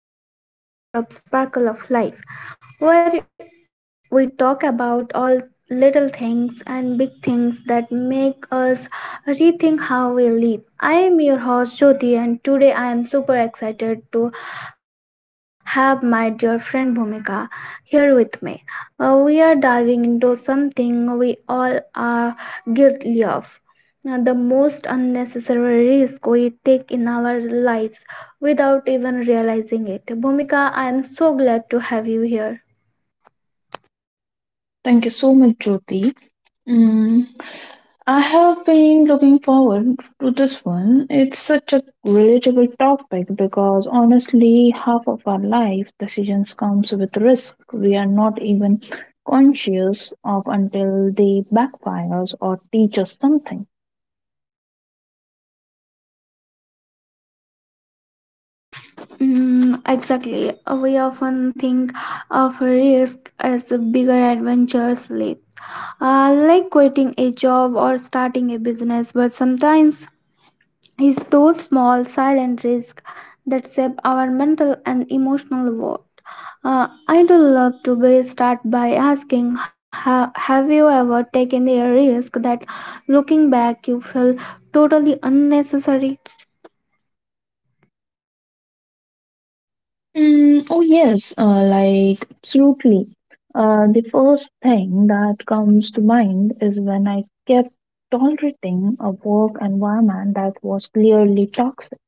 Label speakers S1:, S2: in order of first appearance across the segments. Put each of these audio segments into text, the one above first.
S1: Welcome back to another episode of Sparkle of Life, where we talk about all little things and big things that make us rethink how we live. I am your host Jyoti, and today I am super excited to have my dear friend Bhumika here with me. We are diving into something we all are guilty of. The most unnecessary risk we take in our lives realizing it. Bhumika, I am so glad to have you here.
S2: Thank you so much, Jyoti. Mm, I have been looking forward to this one. It's such a relatable topic because honestly, half of our life decisions comes with risk we are not even conscious of until they backfires or teach us something.
S1: Mm, exactly. We often think of risk as bigger adventures leap, like quitting a job or starting a business, but sometimes is those small silent risks that shape our mental and emotional world. I do love to be start by asking, have you ever taken a risk that looking back you feel totally unnecessary?
S2: Oh yes, like absolutely. The first thing that comes to mind is when I kept tolerating a work environment that was clearly toxic.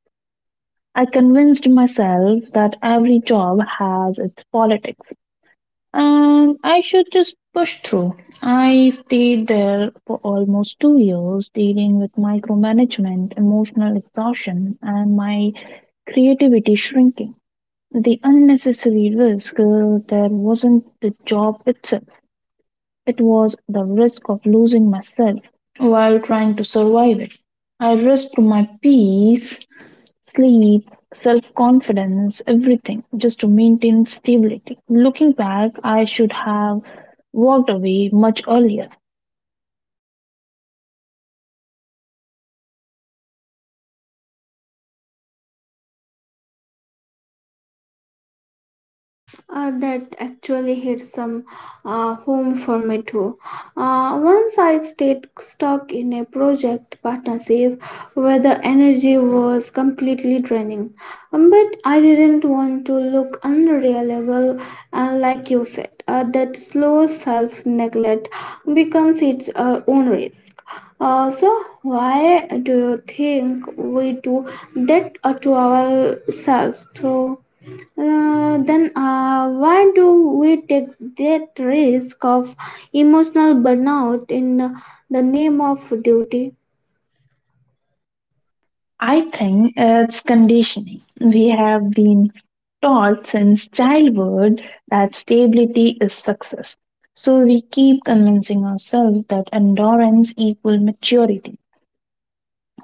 S2: I convinced myself that every job has its politics and I should just push through. I stayed there for almost 2 years dealing with micromanagement, emotional exhaustion, and my creativity shrinking. The unnecessary risk there wasn't the job itself, it was the risk of losing myself while trying to survive it. I risked my peace, sleep, self confidence, everything just to maintain stability. Looking back, I should have walked away much earlier.
S1: That actually hit some home for me too. Once I stayed stuck in a project partnership where the energy was completely draining. But I didn't want to look unreliable. And like you said, that slow self neglect becomes its own risk. So why do you think we do that to ourselves through? Then why do we take that risk of emotional burnout in the name of duty?
S2: I think it's conditioning. We have been taught since childhood that stability is success. So we keep convincing ourselves that endurance equals maturity.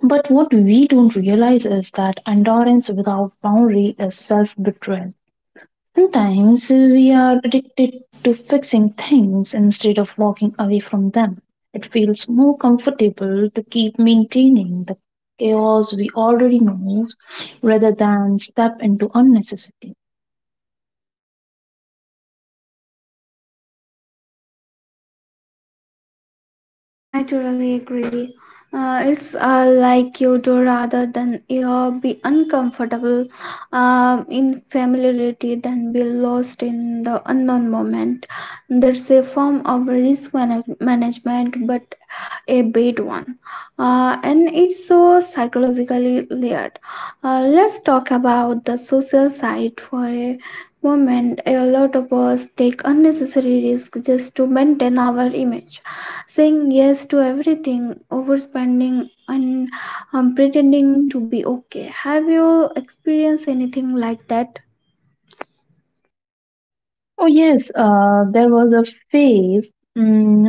S2: But what we don't realize is that endurance without boundary is self betrayal. Sometimes we are addicted to fixing things instead of walking away from them. It feels more comfortable to keep maintaining the chaos we already know rather than step into unnecessary.
S1: I totally agree. It's like you do rather than you be uncomfortable in familiarity than be lost in the unknown moment. That's a form of risk management, but a bad one. And it's so psychologically layered. Let's talk about the social side for a moment. A lot of us take unnecessary risks just to maintain our image, saying yes to everything, overspending, and pretending to be okay. Have you experienced anything like that?
S2: Oh, yes, there was a phase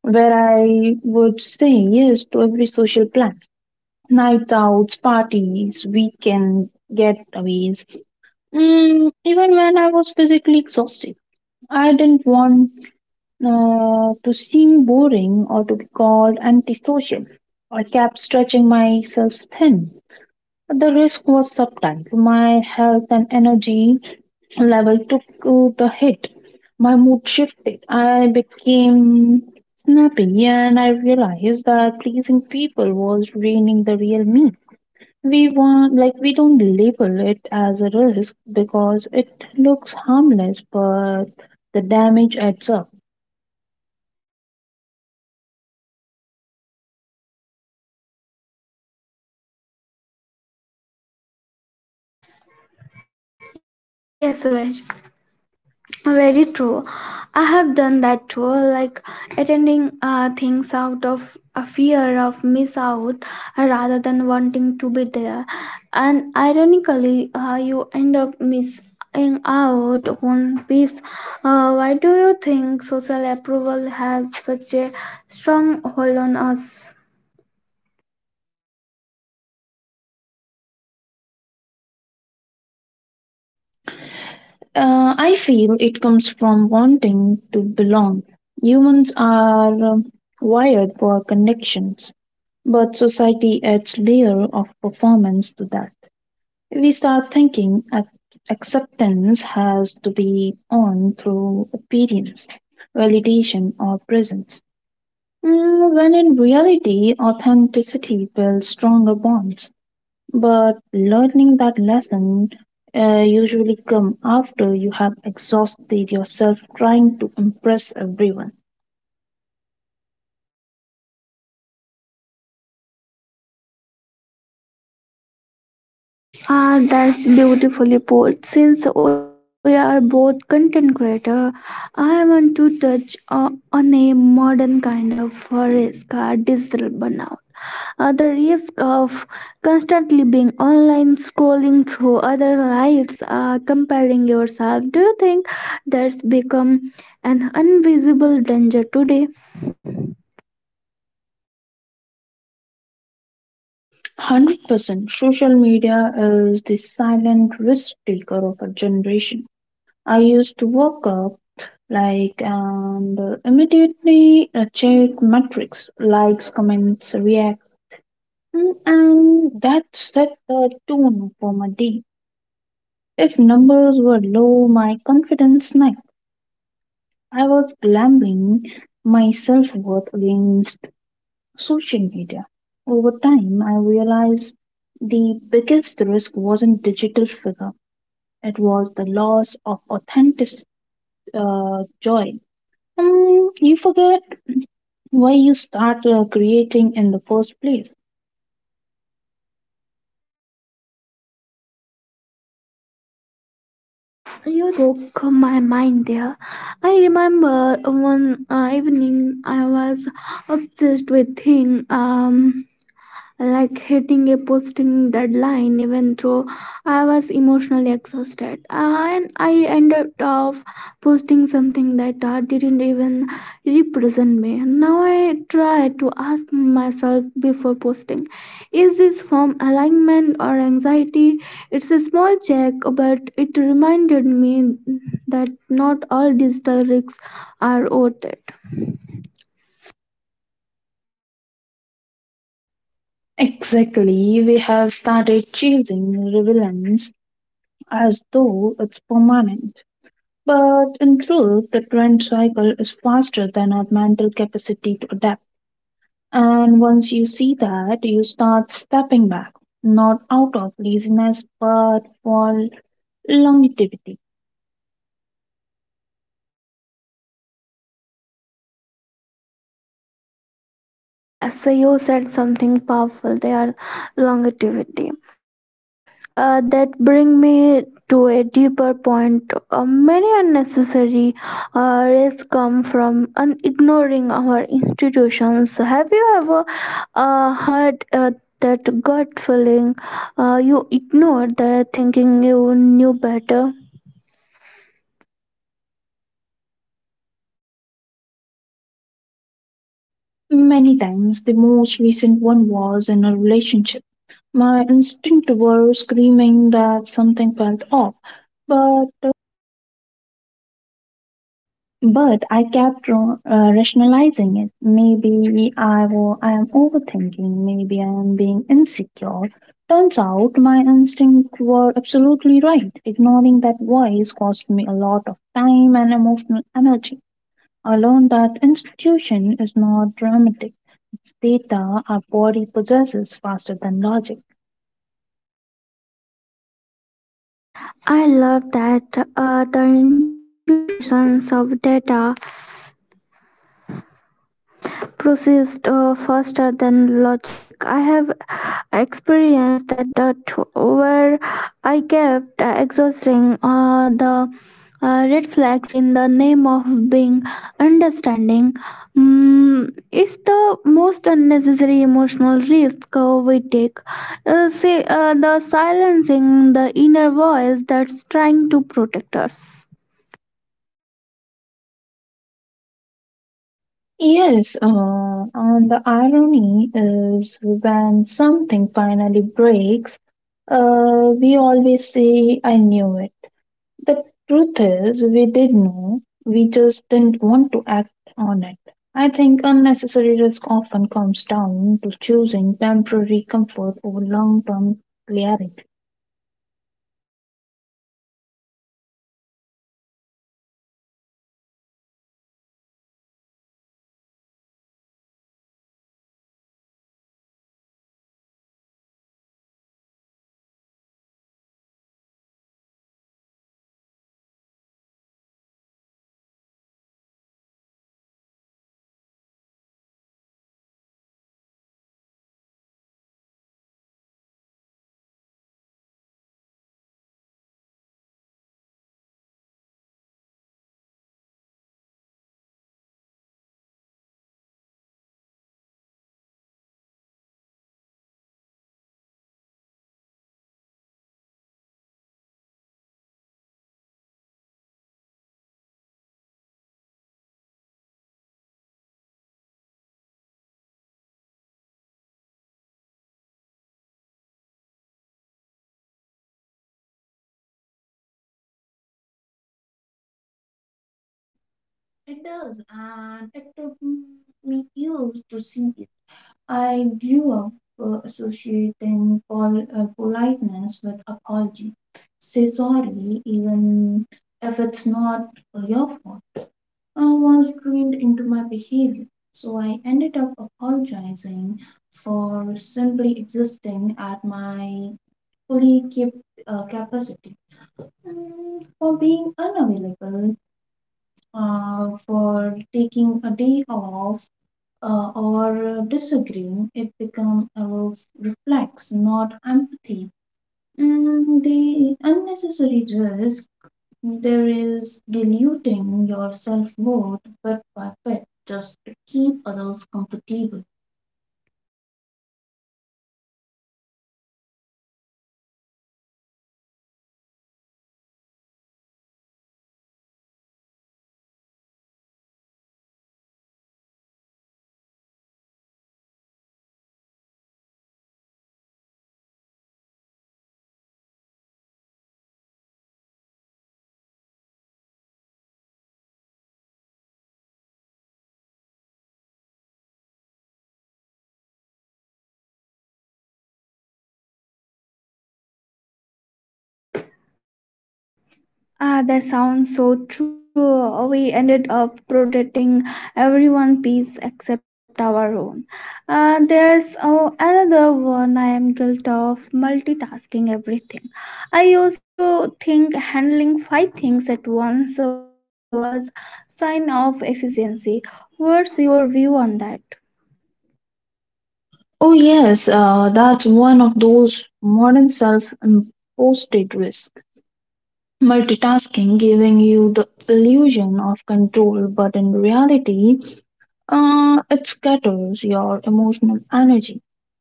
S2: where I would say yes to every social plan, night outs, parties, weekend getaways, even when I was physically exhausted. I didn't want to seem boring or to be called antisocial. I kept stretching myself thin. The risk was subtle. My health and energy level took the hit. My mood shifted. I became snappy and I realized that pleasing people was draining the real me. We want, like, we don't label it as a risk because it looks harmless but the damage adds up.
S1: Yes, Vaishnavi. Very true. I have done that too, like attending things out of a fear of miss out rather than wanting to be there. And ironically, you end up missing out on peace. Why do you think social approval has such a strong hold on us?
S2: I feel it comes from wanting to belong. Humans are wired for connections, but society adds layer of performance to that. We start thinking acceptance has to be earned through obedience, validation, or presence. Mm, when in reality, authenticity builds stronger bonds. But learning that lesson usually come after you have exhausted yourself trying to impress everyone.
S1: Ah, that's beautifully put. Since we are both content creator, I want to touch on a modern kind of risk, digital burnout. The risk of constantly being online, scrolling through other lives, comparing yourself. Do you think that's become an invisible danger today?
S2: 100% social media is the silent risk taker of a generation. I used to wake up like and immediately check metrics, likes, comments, react, and that set the tone for my day. If numbers were low, my confidence, I was glamping my self worth against social media. Over time, I realized the biggest risk wasn't digital figure, it was the loss of authentic joy. You forget why you started creating in the first place.
S1: You spoke my mind there. I remember one evening I was obsessed with thing. Like hitting posting deadline even though I was emotionally exhausted. And I ended up posting something that didn't even represent me. Now I try to ask myself before posting, is this from alignment or anxiety? It's a small check, but it reminded me that not all digital risks are worth it.
S2: Exactly, we have started chasing relevance as though it's permanent. But in truth, the trend cycle is faster than our mental capacity to adapt. And once you see that, you start stepping back, not out of laziness, but for longevity.
S1: Ah, yes, so you said something powerful there, longevity. That bring me to a deeper point. Many unnecessary risks come from ignoring our institutions. Have you ever heard that gut feeling? You ignored the thinking you knew better.
S2: Many times, the most recent one was in a relationship. My instinct were screaming that something felt off, but I kept rationalizing it. Maybe I I am overthinking. Maybe I am being insecure. Turns out my instincts were absolutely right. Ignoring that voice cost me a lot of time and emotional energy. I learned that institution is not dramatic. It's data our body possesses faster than logic.
S1: I love that, the intuitions of data proceeds faster than logic. I have experienced that too, where I kept exhausting the red flags in the name of being understanding. Mm, it's the most unnecessary emotional risk we take. Say, the silencing the inner voice that's trying to protect us.
S2: Yes, and the irony is when something finally breaks, we always say, I knew it. The truth is, we did know, we just didn't want to act on it. I think unnecessary risk often comes down to choosing temporary comfort over long term clarity.
S1: Bhumika, sometimes I feel like one major unnecessary risk we take is over apologizing, saying sorry for things we shouldn't even be sorry for. Our emotion, our space, our silence. Do you feel that happens often?
S2: It does, and it took me years to see it. I grew up
S1: Like, do you
S2: associating
S1: think, do you feel that
S2: politeness with
S1: happens
S2: apology.
S1: often?
S2: Say sorry, even if it's not your fault. I was trained into my behavior, so I ended up apologizing for simply existing at my fully capacity, for being unavailable, for taking a day off or disagreeing, it becomes a reflex, not empathy. And the unnecessary risk there is diluting your self worth bit by bit just to keep others comfortable.
S1: Yeah, that sounds so true. We ended up protecting everyone's peace except our own. There's oh, another one I am guilty of, multitasking everything. I used to think handling five things at once was sign of efficiency. What's your view on that?
S2: Oh, yes, that's one of those modern self imposed risks. Multitasking giving you the illusion of control, but in reality, it scatters your emotional energy.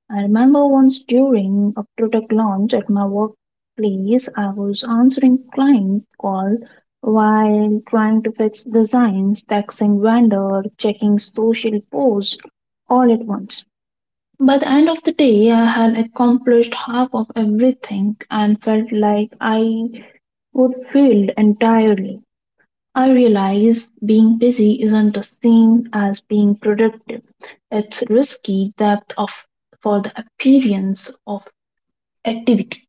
S2: I remember once during a product launch at my workplace, I was answering client call while trying to fix designs, texting vendor, checking social posts all at once. By the end of the day, I had accomplished half of everything and felt like I would failed entirely. I realize being busy isn't the same as being productive. It's risky depth of for the appearance of activity.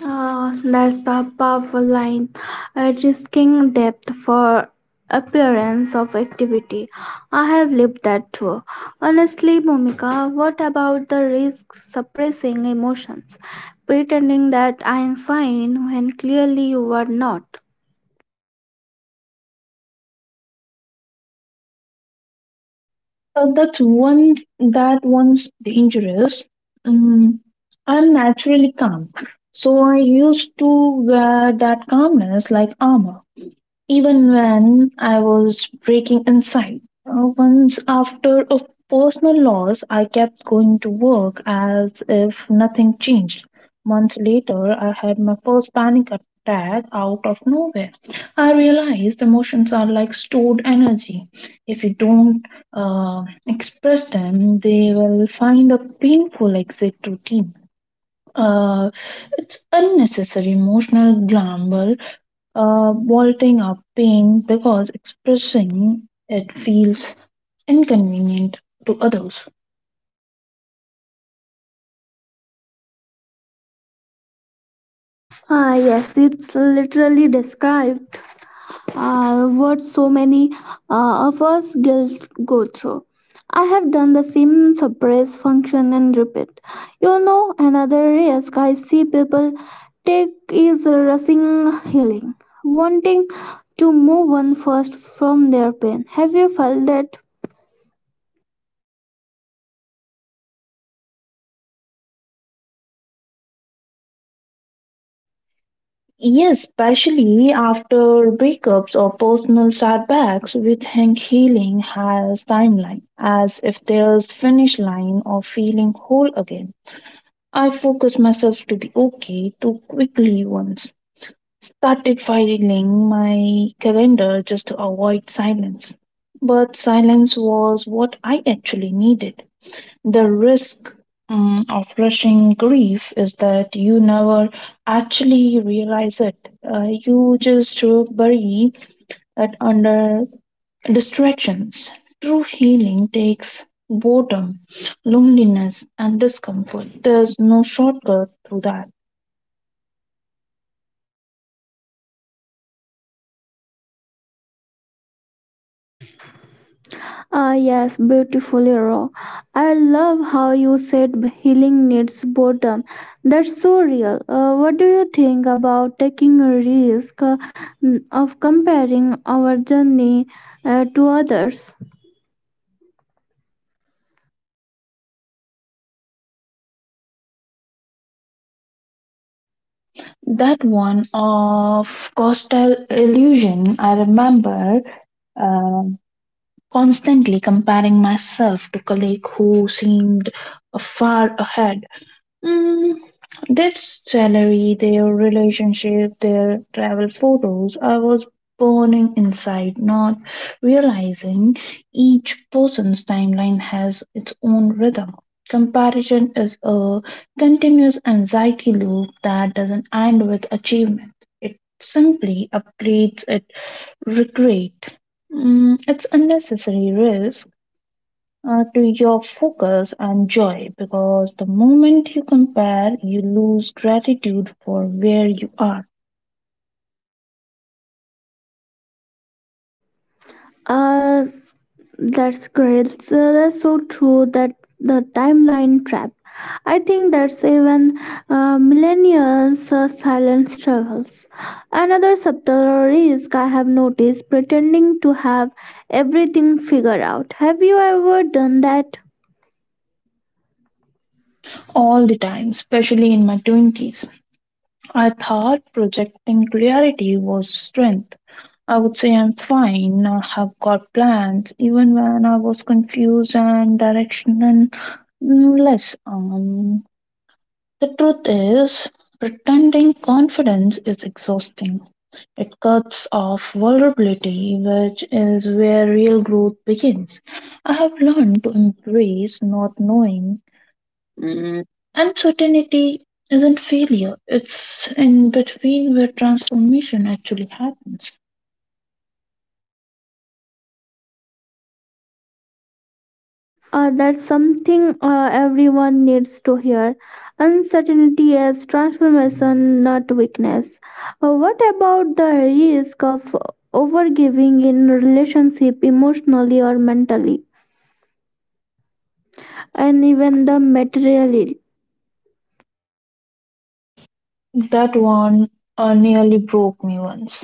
S1: Ah, that's a powerful line. Risking depth for appearance of activity. I have lived that too. Honestly, Bhumika, what about the risk suppressing emotions, pretending that I am fine when clearly you are not?
S2: So that one's dangerous. Mm, I'm naturally calm. So I used to wear that calmness like armor, even when I was breaking inside. Once, after a personal loss, I kept going to work as if nothing changed. Months later, I had my first panic attack out of nowhere. I realized emotions are like stored energy. If you don't express them, they will find a painful exit routine. Uh, it's unnecessary emotional glamour, vaulting up pain because expressing it feels inconvenient to others.
S1: Ah, yes, it's literally described what so many of us girls go through. I have done the same suppress function and repeat. You know, another risk I see people take is rushing healing, wanting to move on first from their pain. Have you felt that?
S2: Yes, especially after breakups or personal setbacks, we think healing has timeline, as if there's finish line or feeling whole again. I focus myself to be okay too quickly once. Started filing my calendar just to avoid silence. But silence was what I actually needed. The risk of rushing grief is that you never actually realize it. You just bury it under distractions. True healing takes boredom, loneliness, and discomfort. There's no shortcut through that.
S1: Ah, yes, beautifully raw. I love how you said healing needs boredom. That's so real. What do you think about taking a risk of comparing our journey to others?
S2: That one of coastal illusion, I remember uh, constantly comparing myself to colleague who seemed far ahead, Mm, their salary, their relationship, their travel photos. I was burning inside, not realizing each person's timeline has its own rhythm. Comparison is a continuous anxiety loop that doesn't end with achievement. It simply upgrades it regret. Mm, it's unnecessary risk to your focus and joy because the moment you compare, you lose gratitude for where you are
S1: Uh, That's great. So that's so true, that the timeline trap. I think that's even millennials' silent struggles. Another subtle risk I have noticed, pretending to have everything figured out. Have you ever done that?
S2: all the time, especially in my 20s. I thought projecting clarity was strength. I would say I'm fine, I have got plans, even when I was confused and directionless. Um, The truth is, pretending confidence is exhausting. It cuts off vulnerability, which is where real growth begins. I have learned to embrace not knowing. Uncertainty isn't failure, it's in between where transformation actually happens.
S1: That's something everyone needs to hear. Uncertainty as transformation, not weakness. What about the risk of overgiving in relationship emotionally or mentally, and even the materially?
S2: That one nearly broke me once.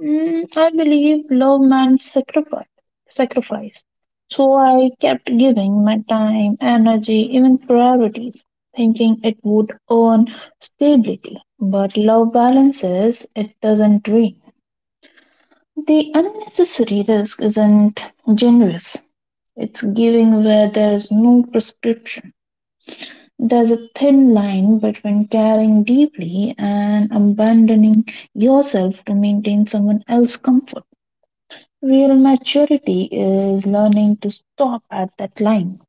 S2: Mm, I believe love meant sacrifice. Sacrifice. So I kept giving my time, energy, even priorities, thinking it would earn stability. But love balances, it doesn't drain. The unnecessary risk isn't generous. It's giving where there's no prescription. There's a thin line between caring deeply and abandoning yourself to maintain someone else's comfort. Real maturity is learning to stop at that line.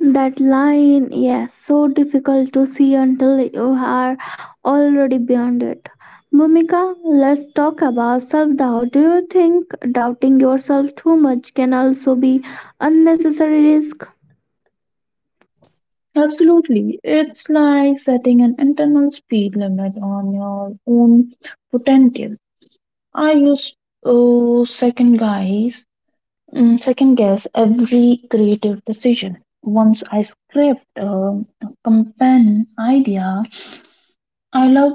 S1: That line, yes, so difficult to see until you are already beyond it. Bhumika, let's talk about self doubt. Do you think doubting yourself too much can also be unnecessary risk?
S2: Absolutely. It's like setting an internal speed limit on your own potential. I used to second guess every creative decision. Once I scrapped a companion idea I love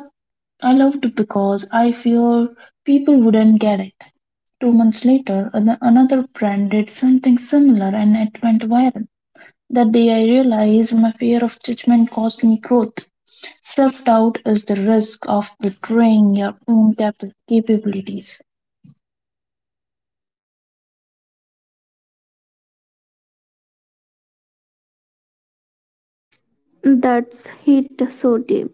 S2: I loved it because I fear people wouldn't get it. 2 months later, another brand did something similar and it went viral. That day, I realized my fear of judgment cost me growth. Self doubt is the risk of betraying your own capabilities.
S1: That's hit so deep.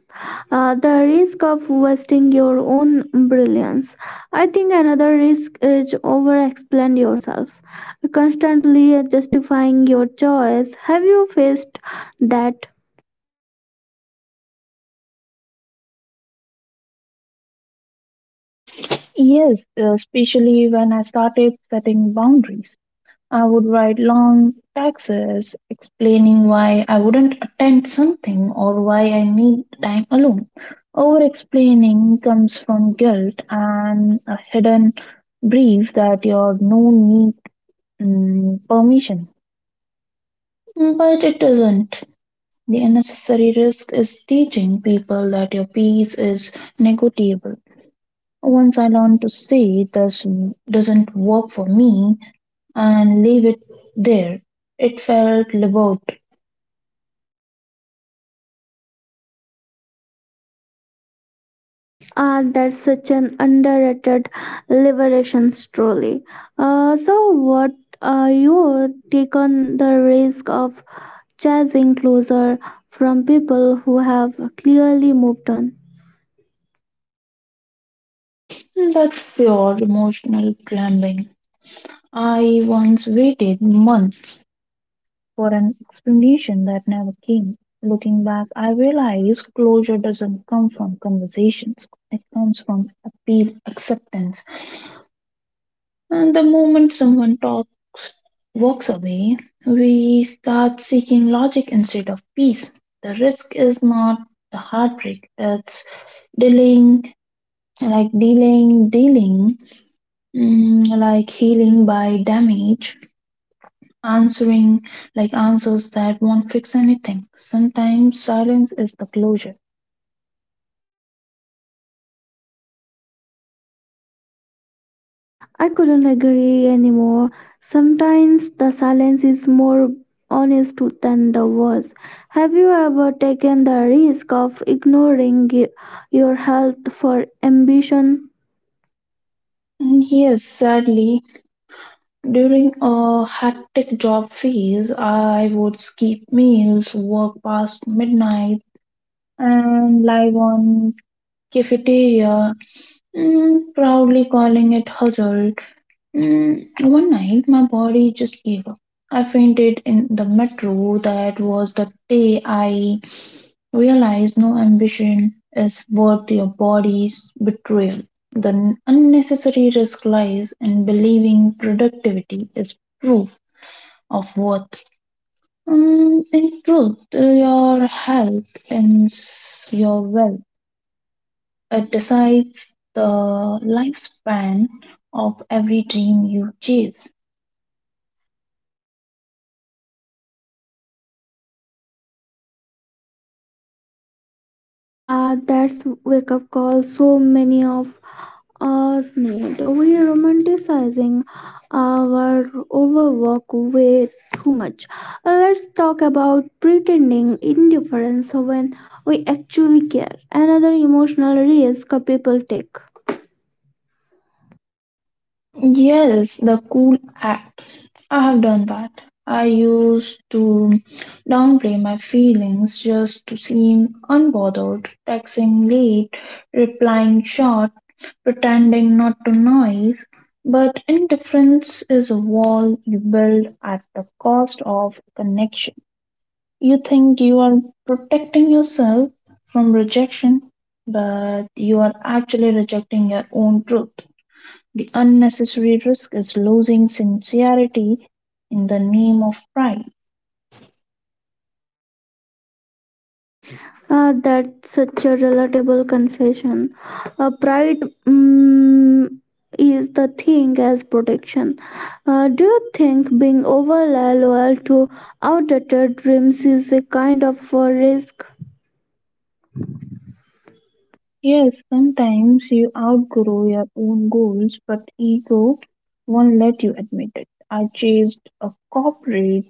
S1: The risk of wasting your own brilliance. I think another risk is over explain yourself, constantly justifying your choice. Have you faced that?
S2: Yes, especially when I started setting boundaries. I would write long taxes explaining why I wouldn't attend something or why I need time alone. Over explaining comes from guilt and a hidden belief that you're no need permission. But it doesn't. The unnecessary risk is teaching people that your peace is negotiable. Once I learned to say this doesn't work for me, and leave it there. It felt about
S1: Ah, that's such an underrated liberation story. So, what are your take on the risk of chasing closer from people who have clearly moved on?
S2: that pure emotional climbing. I once waited months for an explanation that never came. Looking back, I realize closure doesn't come from conversations. It comes from appeal, acceptance. And the moment someone talk, walks away, we start seeking logic instead of peace. The risk is not the heartbreak, it's delaying, like dealing, like healing by damage answering, like answers that won't fix anything. Sometimes silence is the closure.
S1: I couldn't agree anymore. Sometimes the silence is more honest than the words. Have you ever taken the risk of ignoring your health for ambition?
S2: And yes, sadly, during a hectic job phase, I would skip meals, work past midnight, and live on cafeteria, proudly calling it hustle. Mm, one night, my body just gave up. I fainted in the metro. That was the day I realized no ambition is worth your body's betrayal. The unnecessary risk lies in believing productivity is proof of worth. Mm, in truth, your health is your wealth. It decides the lifespan of every dream you chase.
S1: Ah, that's wake up call so many of us need. We romanticizing our overwork way too much. Let's talk about pretending indifference when we actually care. Another emotional risk people take.
S2: Yes, the cool act. I have done that. I used to downplay my feelings just to seem unbothered, texting late, replying short, pretending not to noise. But indifference is a wall you build at the cost of connection. You think you are protecting yourself from rejection, but you are actually rejecting your own truth. The unnecessary risk is losing sincerity in the name of pride.
S1: That's such a relatable confession. Pride mm, is the thing as protection. Do you think being over loyal to outdated dreams is a kind of a risk?
S2: Yes, sometimes you outgrow your own goals, but ego won't let you admit it. I chased a corporate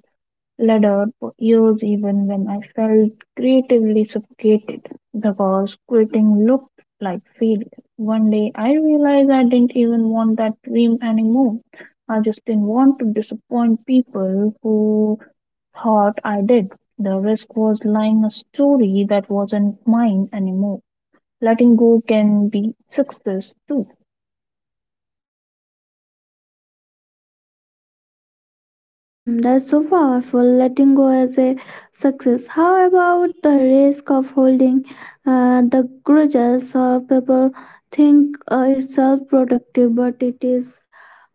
S2: ladder for years, even when I felt creatively suffocated because quitting looked like failure. One day I realized I didn't even want that dream anymore. I just didn't want to disappoint people who thought I did. The risk was lying a story that wasn't mine anymore. Letting go can be success too.
S1: That's so powerful. Letting go as a success. How about the risk of holding the grudges? People think it's self-productive, but it is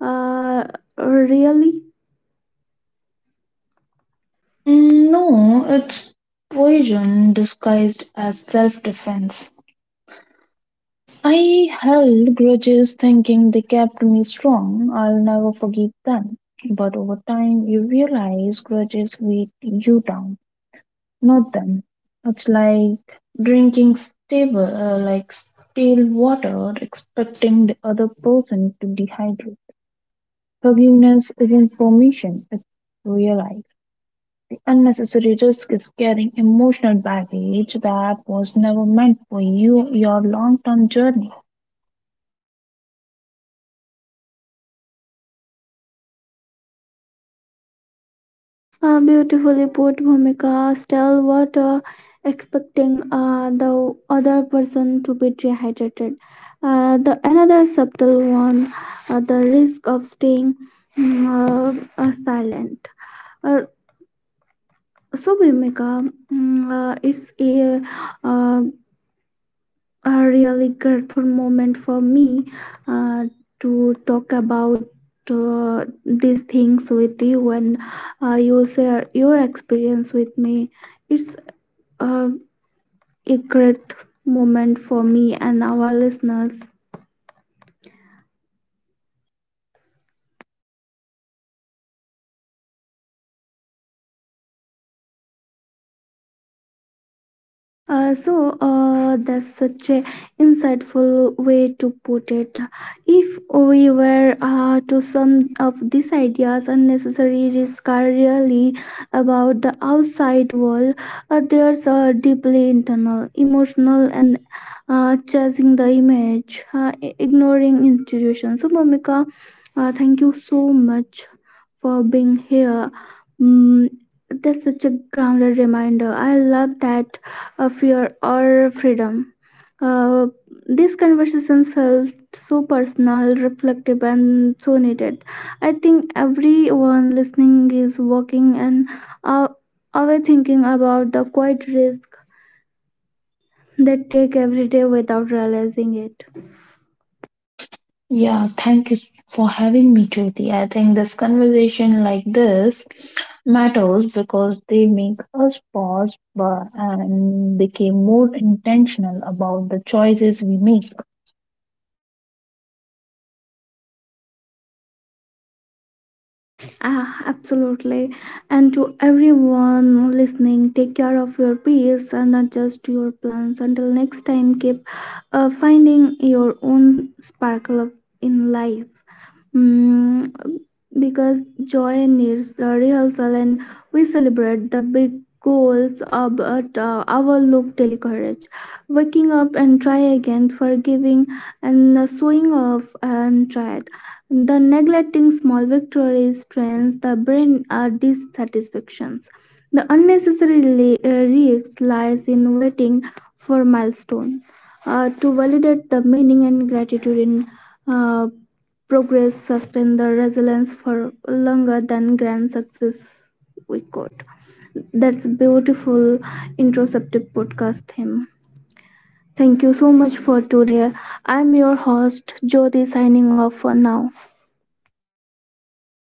S1: uh, really
S2: Mm, no, it's poison disguised as self defense. I held grudges thinking they kept me strong. I'll never forgive them. But over time, you realize grudges weight you down. Not them. It's like like stale water or expecting the other person to dehydrate. Forgiveness isn't permission, it's realized. The unnecessary risk is carrying emotional baggage that was never meant for you, your long term journey.
S1: beautifully put. Bhumika, still what expecting the other person to be dehydrated. The another subtle one, the risk of staying silent. Uh, So, Bhumika, it's uh, a really grateful moment for me uh, to talk about these things with you, and you share your experience with me. It's uh, a great moment for me and our listeners. So that's such a insightful way to put it. If we were to sum of these ideas, unnecessary risks are really about the outside world. There's a deeply internal, emotional, and chasing the image, ignoring institutions. So, Bhumika, thank you so much for being here. Mm, that's such a grounded reminder. I love that, fear or freedom. Uh, these conversations felt so personal, reflective, and so needed. I think everyone listening is walking and uh, away thinking about the quiet risk they take every day without realizing it.
S2: Yeah, thank you for having me, Jyoti. I think this conversation like this matters because they make us pause but, and become more intentional about the choices we make.
S1: Ah, absolutely. And to everyone listening, take care of your peace and adjust your plans. Until next time, keep finding your own sparkle of, in life mm, because joy needs the rehearsal, and we celebrate the big goals of but overlook daily waking up and try again, forgiving and showing off and try it. The neglecting small victories trains the brain are dissatisfactions. The unnecessary risk lies in waiting for milestone to validate the meaning, and gratitude in uh, progress sustained the resilience for longer than grand success we could. That's beautiful introspective podcast theme. Thank you so much for today. I'm your host Jyoti signing off for now.